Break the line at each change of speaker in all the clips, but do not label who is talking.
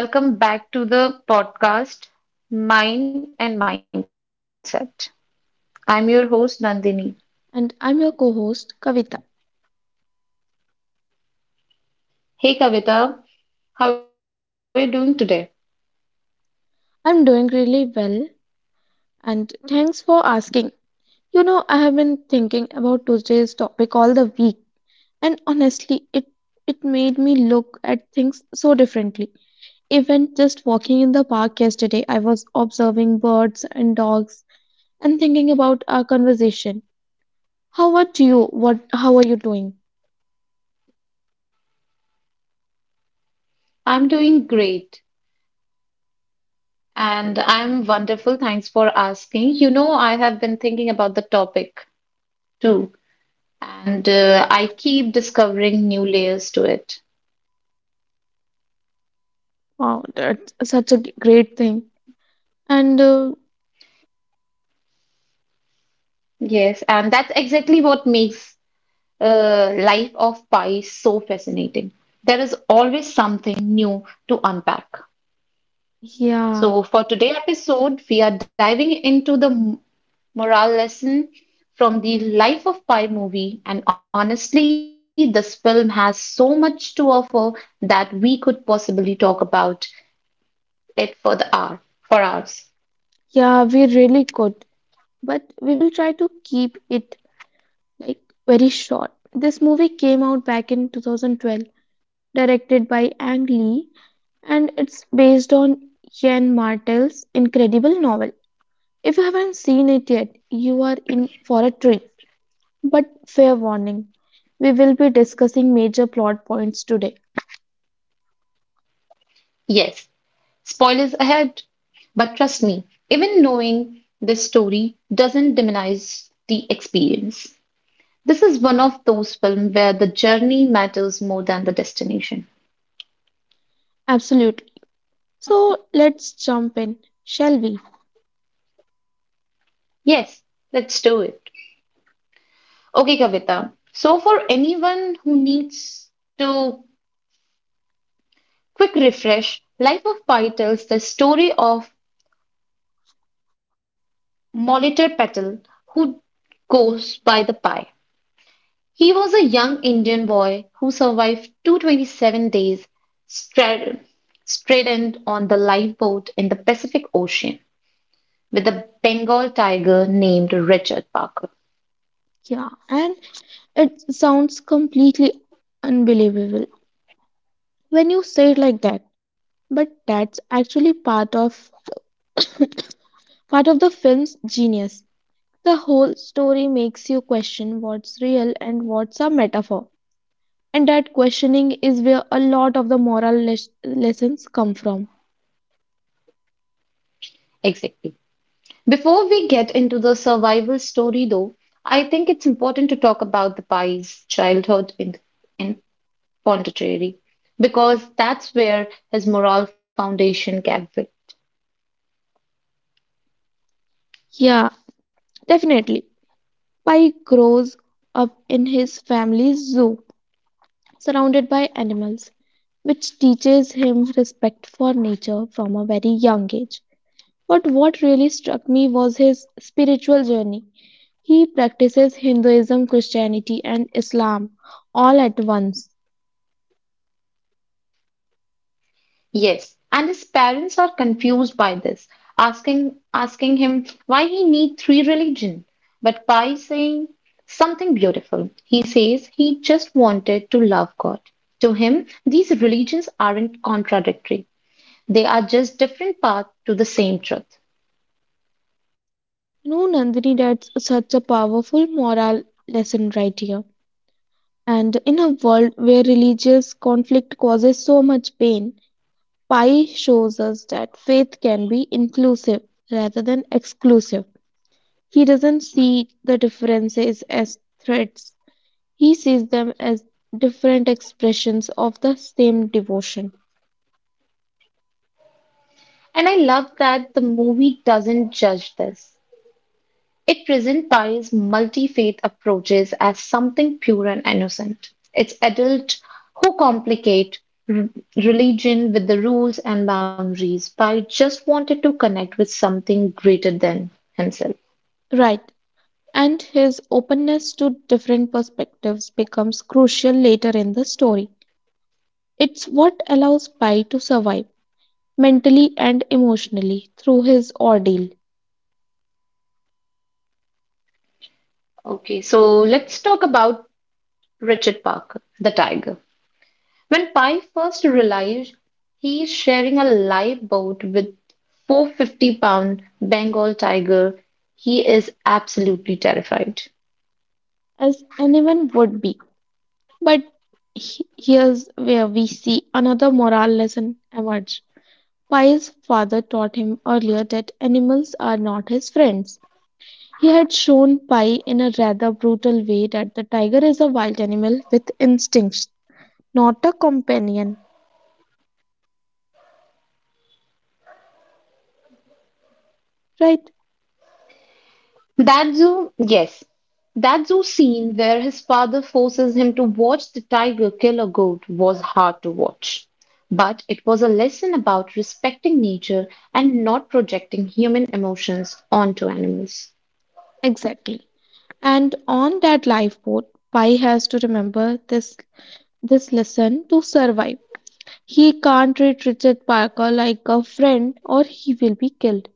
Hello, everyone, and welcome back to the podcast Mind and Mindset. I'm your host, Nandini.
And I'm your co host, Kavita.
Hey, Kavita, how are you doing today?
I'm doing really well, and thanks for asking. You know, I have been thinking about today's topic all the week, and honestly, it made me look at things so differently. Even just walking in the park yesterday, I was observing birds and dogs and thinking about our conversation. How about you? How are you doing?
I'm doing great and I'm wonderful. Thanks for asking. You know, I have been thinking about the topic too, and I keep discovering new layers to it.
Wow, that's such a great thing. And
Yes, and that's exactly what makes life of Pi so fascinating. There is always something new to unpack.
yeah,
So, for today's episode, we are diving into the morale lesson from the Life of Pi movie. And honestly, this film has so much to offer that we could possibly talk about it for the hour, for hours.
yeah, we really could. But we will try to keep it, like, very short. This movie came out back in 2012, directed by Ang Lee, and it's based on Jan Martel's incredible novel. If you haven't seen it yet, you are in for a treat. But fair warning, we will be discussing major plot points today.
Yes, spoilers ahead, but trust me, even knowing this story doesn't demonize the experience. This is one of those films where the journey matters more than the destination.
Absolutely. So let's jump in, shall we?
Yes, let's do it. Okay, Kavita. So, for anyone who needs to quick refresh, Life of Pi tells the story of Molitor Patel, who goes by the Pi. He was a young Indian boy who survived 227 days stra- stranded on the lifeboat in the Pacific Ocean with a Bengal tiger named Richard Parker.
Yeah, and it sounds completely unbelievable when you say it like that. But that's actually part of part of the film's genius. The whole story makes you question what's real and what's a metaphor. And that questioning is where a lot of the moral lessons come from.
Exactly. Before we get into the survival story, though, I think it's important to talk about the Pai's childhood in Pondicherry because that's where his moral foundation can.
Yeah, definitely. Pai grows up in his family's zoo, surrounded by animals, which teaches him respect for nature from a very young age. But what really struck me was his spiritual journey. He practices Hinduism, Christianity, and Islam all at once.
Yes, and his parents are confused by this, asking him why he need three religion. But Pai saying something beautiful. He says he just wanted to love God. To him, these religions aren't contradictory. They are just different paths to the same truth.
You know, Nandini, that's such a powerful moral lesson right here. And in a world where religious conflict causes so much pain, Pai shows us that faith can be inclusive rather than exclusive. He doesn't see the differences as threats. He sees them as different expressions of the same devotion.
And I love that the movie doesn't judge this. It presents Pari's multi faith approaches as something pure and innocent. It's adults who complicate r- religion with the rules and boundaries. Pai just wanted to connect with something greater than himself.
Right. And his openness to different perspectives becomes crucial later in the story. It's what allows Pai to survive mentally and emotionally through his ordeal.
Okay, so let's talk about Richard Parker, the tiger. When Pi first realized he is sharing a live boat with 450-pound Bengal tiger, he is absolutely terrified.
As anyone would be. But here's where we see another moral lesson emerge. Pai's father taught him earlier that animals are not his friends. He had shown Pi in a rather brutal way that the tiger is a wild animal with instincts, not a companion. Right?
That zoo, yes, that zoo scene where his father forces him to watch the tiger kill a goat was hard to watch. But it was a lesson about respecting nature and not projecting human emotions onto animals.
Exactly. And on that lifeboat, Pi has to remember this lesson to survive. He can't treat Richard Parker like a friend or he will be killed.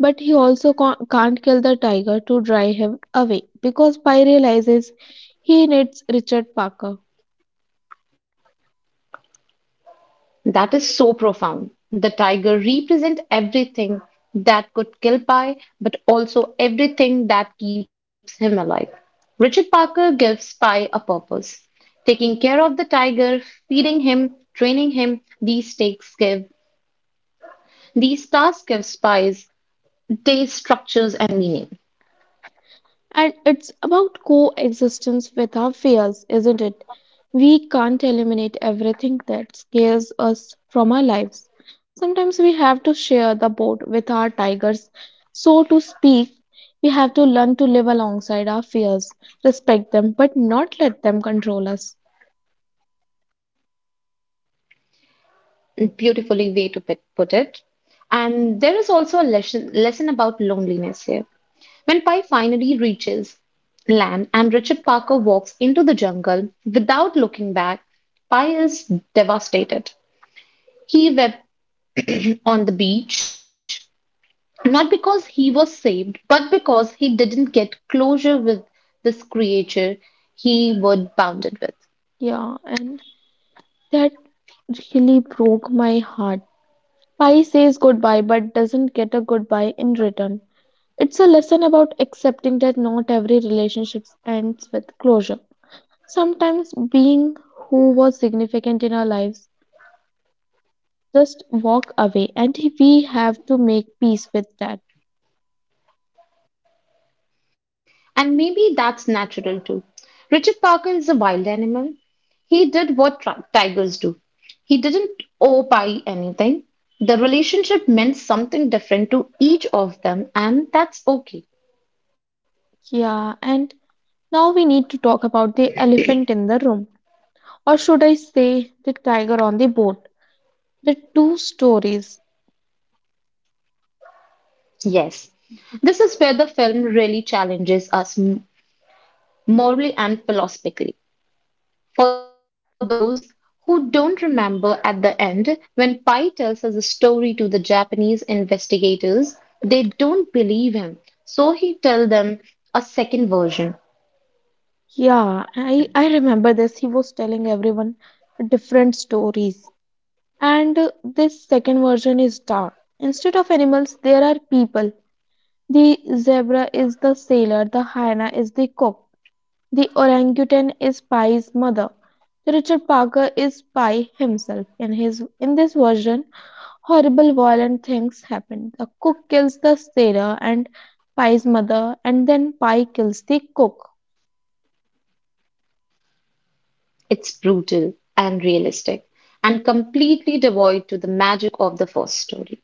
But he also can't kill the tiger to drive him away, because Pi realizes he needs Richard Parker.
That is so profound. The tiger represents everything that could kill Pi, but also everything that keeps him alive. Richard Parker gives Pi a purpose. Taking care of the tiger, feeding him, training him, these takes give these tasks give spies they structures and meaning.
And it's about coexistence with our fears, isn't it? We can't eliminate everything that scares us from our lives. Sometimes we have to share the boat with our tigers. So to speak, we have to learn to live alongside our fears, respect them, but not let them control us.
Beautifully way to put it. And there is also a lesson about loneliness here. When Pi finally reaches land and Richard Parker walks into the jungle without looking back, Pi is devastated. He wept on the beach, not because he was saved, but because he didn't get closure with this creature he was bounded with.
Yeah, and that really broke my heart. Pi says goodbye but doesn't get a goodbye in return. It's a lesson about accepting that not every relationship ends with closure. Sometimes being who was significant in our lives just walk away and we have to make peace with that.
And maybe that's natural too. Richard Parker is a wild animal. He did what tigers do. He didn't owe Pi anything. The relationship meant something different to each of them, and that's okay.
Yeah, and now we need to talk about the elephant in the room, or should I say the tiger on the boat. The two stories.
Yes, this is where the film really challenges us morally and philosophically. For those who don't remember at the end, when Pai tells us a story to the Japanese investigators, they don't believe him. So he tells them a second version.
Yeah, I remember this. He was telling everyone different stories. And This second version is dark. Instead of animals, there are people. The zebra is the sailor, the hyena is the cook, the orangutan is Pi's mother. The Richard Parker is Pi himself. In his in this version, horrible violent things happen. The cook kills the sailor and Pi's mother, and then Pi kills the cook.
It's brutal and realistic and completely devoid to the magic of the first story.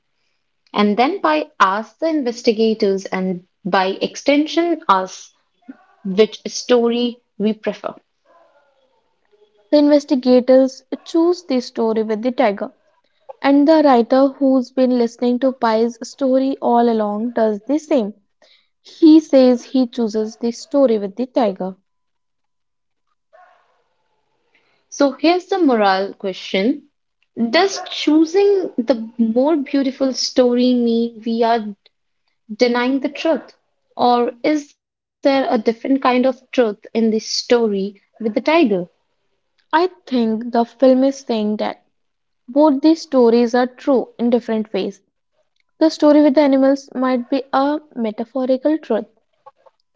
And then Pai asks the investigators and by extension us which story we prefer.
The investigators choose the story with the tiger. And the writer who's been listening to Pi's story all along does the same. He says he chooses the story with the tiger.
So here's the moral question. Does choosing the more beautiful story mean we are denying the truth? Or is there a different kind of truth in the story with the title?
I think the film is saying that both these stories are true in different ways. The story with the animals might be a metaphorical truth.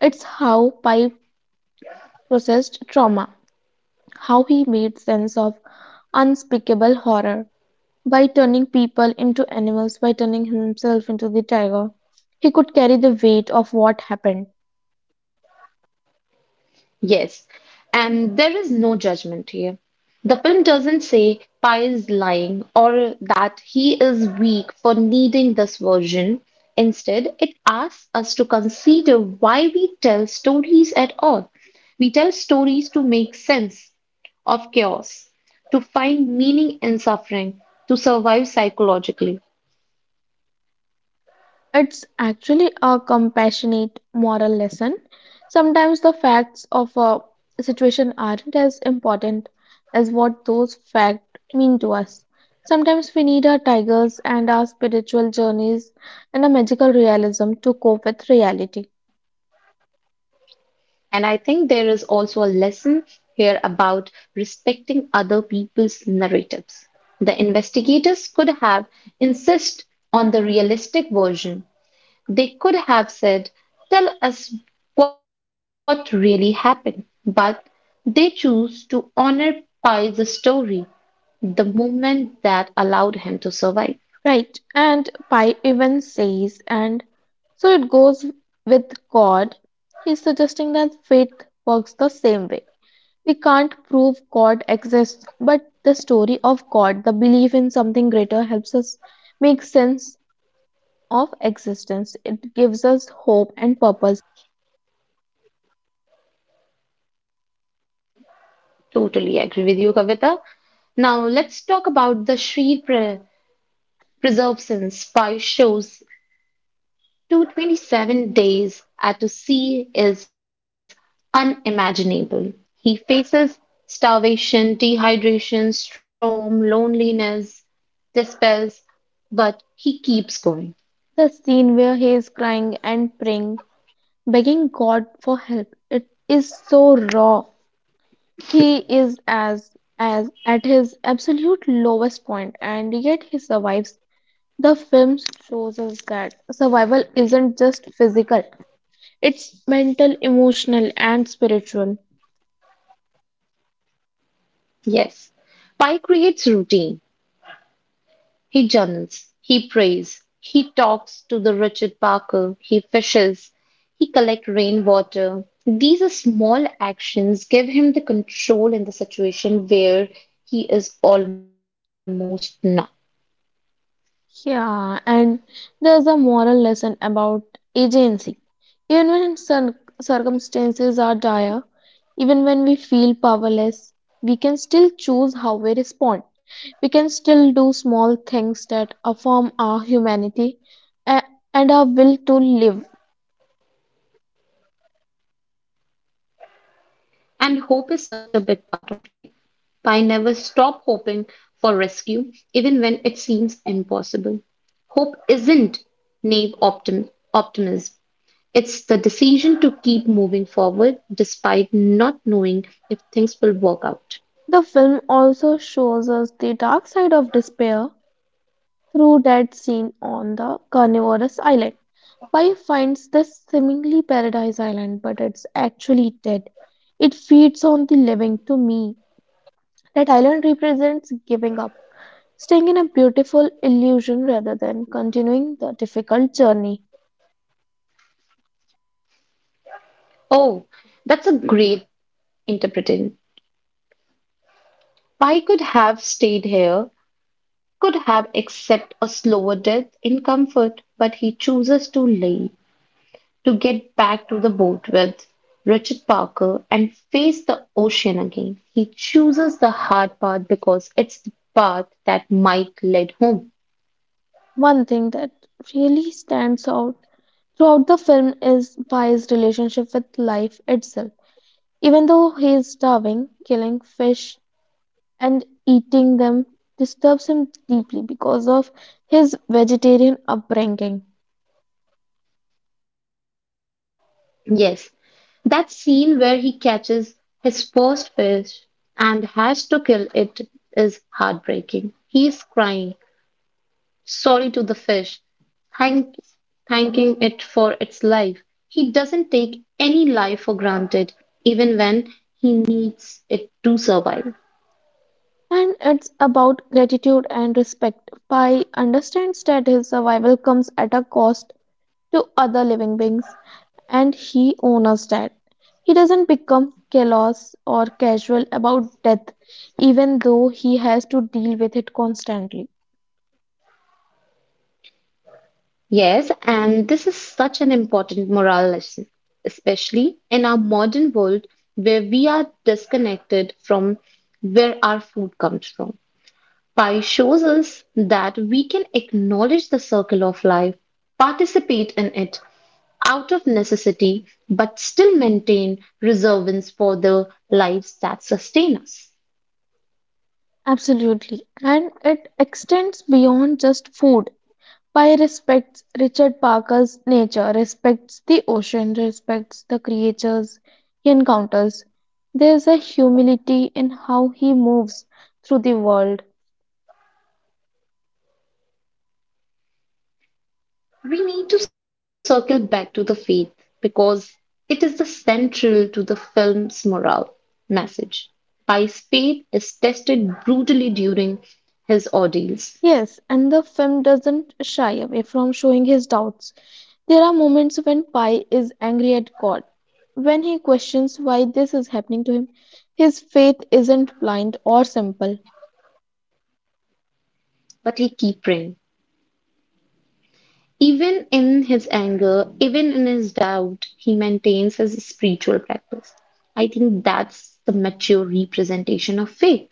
It's how Pi processed trauma, how he made sense of unspeakable horror, by turning people into animals, by turning himself into the tiger, he could carry the weight of what happened.
Yes, and there is no judgment here. The film doesn't say Pi is lying or that he is weak for needing this version. Instead, it asks us to consider why we tell stories at all. We tell stories to make sense of chaos, to find meaning in suffering, to survive psychologically.
It's actually a compassionate moral lesson. Sometimes the facts of a situation aren't as important as what those facts mean to us. Sometimes we need our tigers and our spiritual journeys and a magical realism to cope with reality.
And I think there is also a lesson here about respecting other people's narratives. The investigators could have insisted on the realistic version. They could have said, tell us what really happened. But they chose to honor Pi's story, the movement that allowed him to survive.
Right, and Pi even says, and so it goes with God. He's suggesting that faith works the same way. We can't prove God exists, but the story of God, the belief in something greater, helps us make sense of existence. It gives us hope and purpose.
Totally agree with you, Kavita. Now let's talk about the Shri Preserve Pi shows to 27 days at sea is unimaginable. He faces starvation, dehydration, storm, loneliness, despairs, but he keeps going.
The scene where he is crying and praying, begging God for help, it is so raw. He is as at his absolute lowest point, and yet he survives. The film shows us that survival isn't just physical; it's mental, emotional, and spiritual.
Yes. Pi creates routine. He journals. He prays. He talks to the Richard Parker. He fishes. He collects rainwater. These are small actions give him the control in the situation where he is almost not.
Yeah, and there's a moral lesson about agency. Even when circumstances are dire, even when we feel powerless, we can still choose how we respond. We can still do small things that affirm our humanity a- and our will to live.
And hope is such a big part of life. I never stop hoping for rescue, even when it seems impossible. Hope isn't naive optimism, it's the decision to keep moving forward despite not knowing if things will work out.
The film also shows us the dark side of despair through that seen on the carnivorous island. Pai finds this seemingly paradise island, but it's actually dead. It feeds on the living to me. That island represents giving up, staying in a beautiful illusion rather than continuing the difficult journey.
Oh, that's a great interpretation. I could have stayed here, could have accepted a slower death in comfort, but he chooses to leave, to get back to the boat with Richard Parker and face the ocean again. He chooses the hard path because it's the path that Mike led home.
One thing that really stands out throughout the film is Pai's relationship with life itself. Even though he is starving, killing fish and eating them disturbs him deeply because of his vegetarian upbringing.
Yes, that scene where he catches his first fish and has to kill it is heartbreaking. He is crying, sorry to the fish, thank, thanking it for its life. He doesn't take any life for granted, even when he needs it to survive.
And it's about gratitude and respect. Pai understands that his survival comes at a cost to other living beings, and he honors that. He doesn't become callous or casual about death, even though he has to deal with it constantly.
Yes, and this is such an important moral lesson, especially in our modern world where we are disconnected from where our food comes from. Pi shows us that we can acknowledge the circle of life, participate in it out of necessity, but still maintain reservance for the lives that sustain us.
Absolutely. And it extends beyond just food. Pi respects Richard Parker's nature, respects the ocean, respects the creatures he encounters. There's a humility in how he moves through the world.
We need to circle back to the faith because it is the central to the film's moral message. Pi's faith is tested brutally during his ordeals,
Yes, and the film doesn't shy away from showing his doubts. There are moments when Pi is angry at God, when he questions why this is happening to him. His faith isn't blind or simple.
but he keeps praying. Even in his anger, even in his doubt, he maintains his spiritual practice. I think that's the mature representation of faith.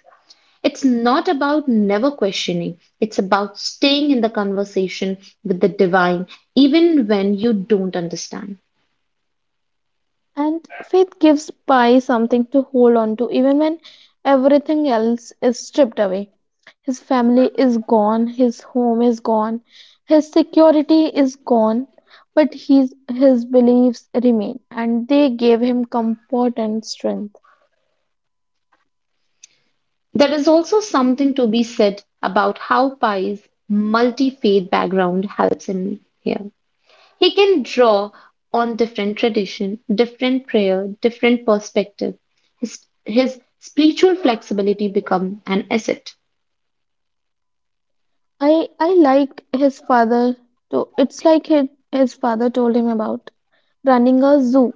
It's not about never questioning, it's about staying in the conversation with the divine, even when you don't understand.
And faith gives Pi something to hold on to even when everything else is stripped away. His family is gone, his home is gone, his security is gone, but his beliefs remain and they gave him comfort and strength.
There is also something to be said about how Pai's multi faith background helps him here. He can draw on different tradition, different prayer, different perspective. His, his spiritual flexibility become an asset.
I like his father to. It's like his father told him about running a zoo.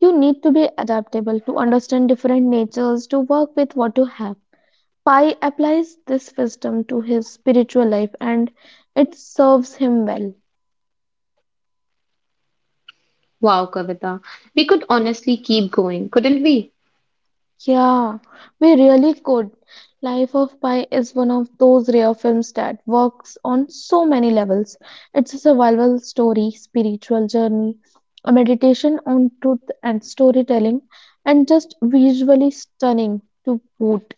You need to be adaptable to understand different natures, to work with what you have. Pi applies this wisdom to his spiritual life and it serves him well.
Wow, Kavita, we could honestly keep going, couldn't we?
Yeah, we really could. Life of Pi is one of those rare films that works on so many levels. It's a survival story, spiritual journey, a meditation on truth and storytelling, and just visually stunning to boot.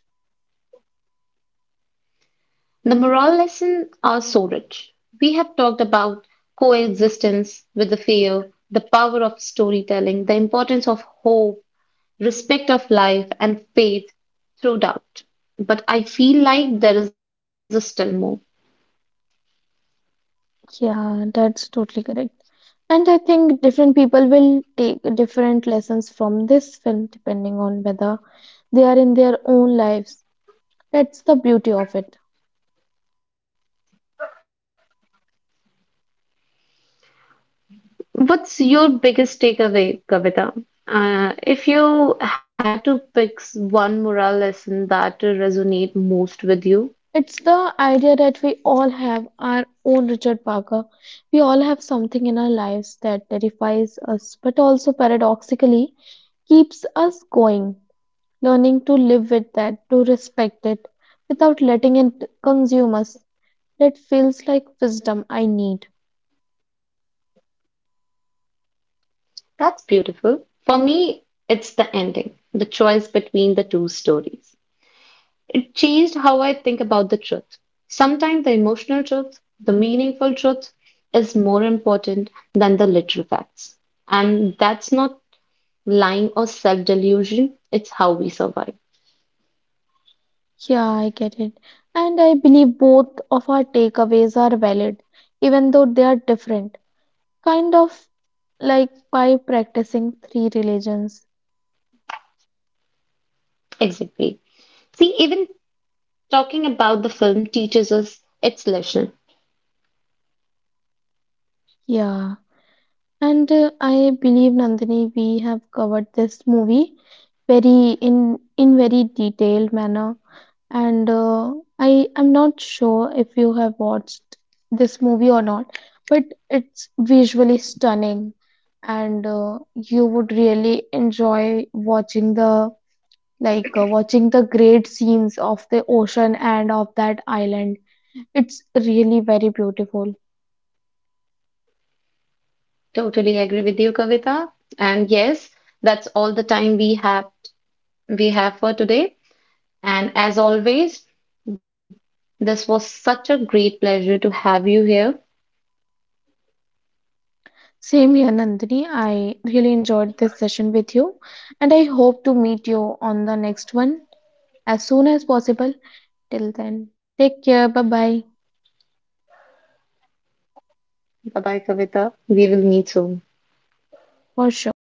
The moral lessons are so rich. We have talked about coexistence with the fear, the power of storytelling, the importance of hope, respect of life, and faith through doubt. But I feel like there is still more.
Yeah, that's totally correct. And I think different people will take different lessons from this film depending on whether they are in their own lives. That's the beauty of it.
What's your biggest takeaway, Kavita? If you had to pick one moral lesson that resonate most with you,
It's the idea that we all have our own Richard Parker. We all have something in our lives that terrifies us, but also paradoxically keeps us going. Learning to live with that, to respect it, without letting it consume us. That feels like wisdom I need.
that's beautiful. For me, it's the ending, the choice between the two stories changed how I think about the truth. Sometimes the emotional truth, the meaningful truth, is more important than the literal facts. And that's not lying or self delusion, it's how we survive.
Yeah, I get it. And I believe both of our takeaways are valid, even though they are different. Kind of like by practicing three religions.
Exactly. See, even talking about the film teaches us its lesson.
Yeah. And I believe, Nandini, we have covered this movie very in very detailed manner. And I am not sure if you have watched this movie or not, but it's visually stunning, and you would really enjoy watching the, watching the great scenes of the ocean and of that island. It's really very beautiful.
Totally agree with you, Kavita. And yes, that's all the time we have for today. And as always, this was such a great pleasure to have you here.
Same here, Nandini. I really enjoyed this session with you, and I hope to meet you on the next one as soon as possible. Till then, take care. Bye bye.
Bye bye, Kavita. We will meet soon.
For sure.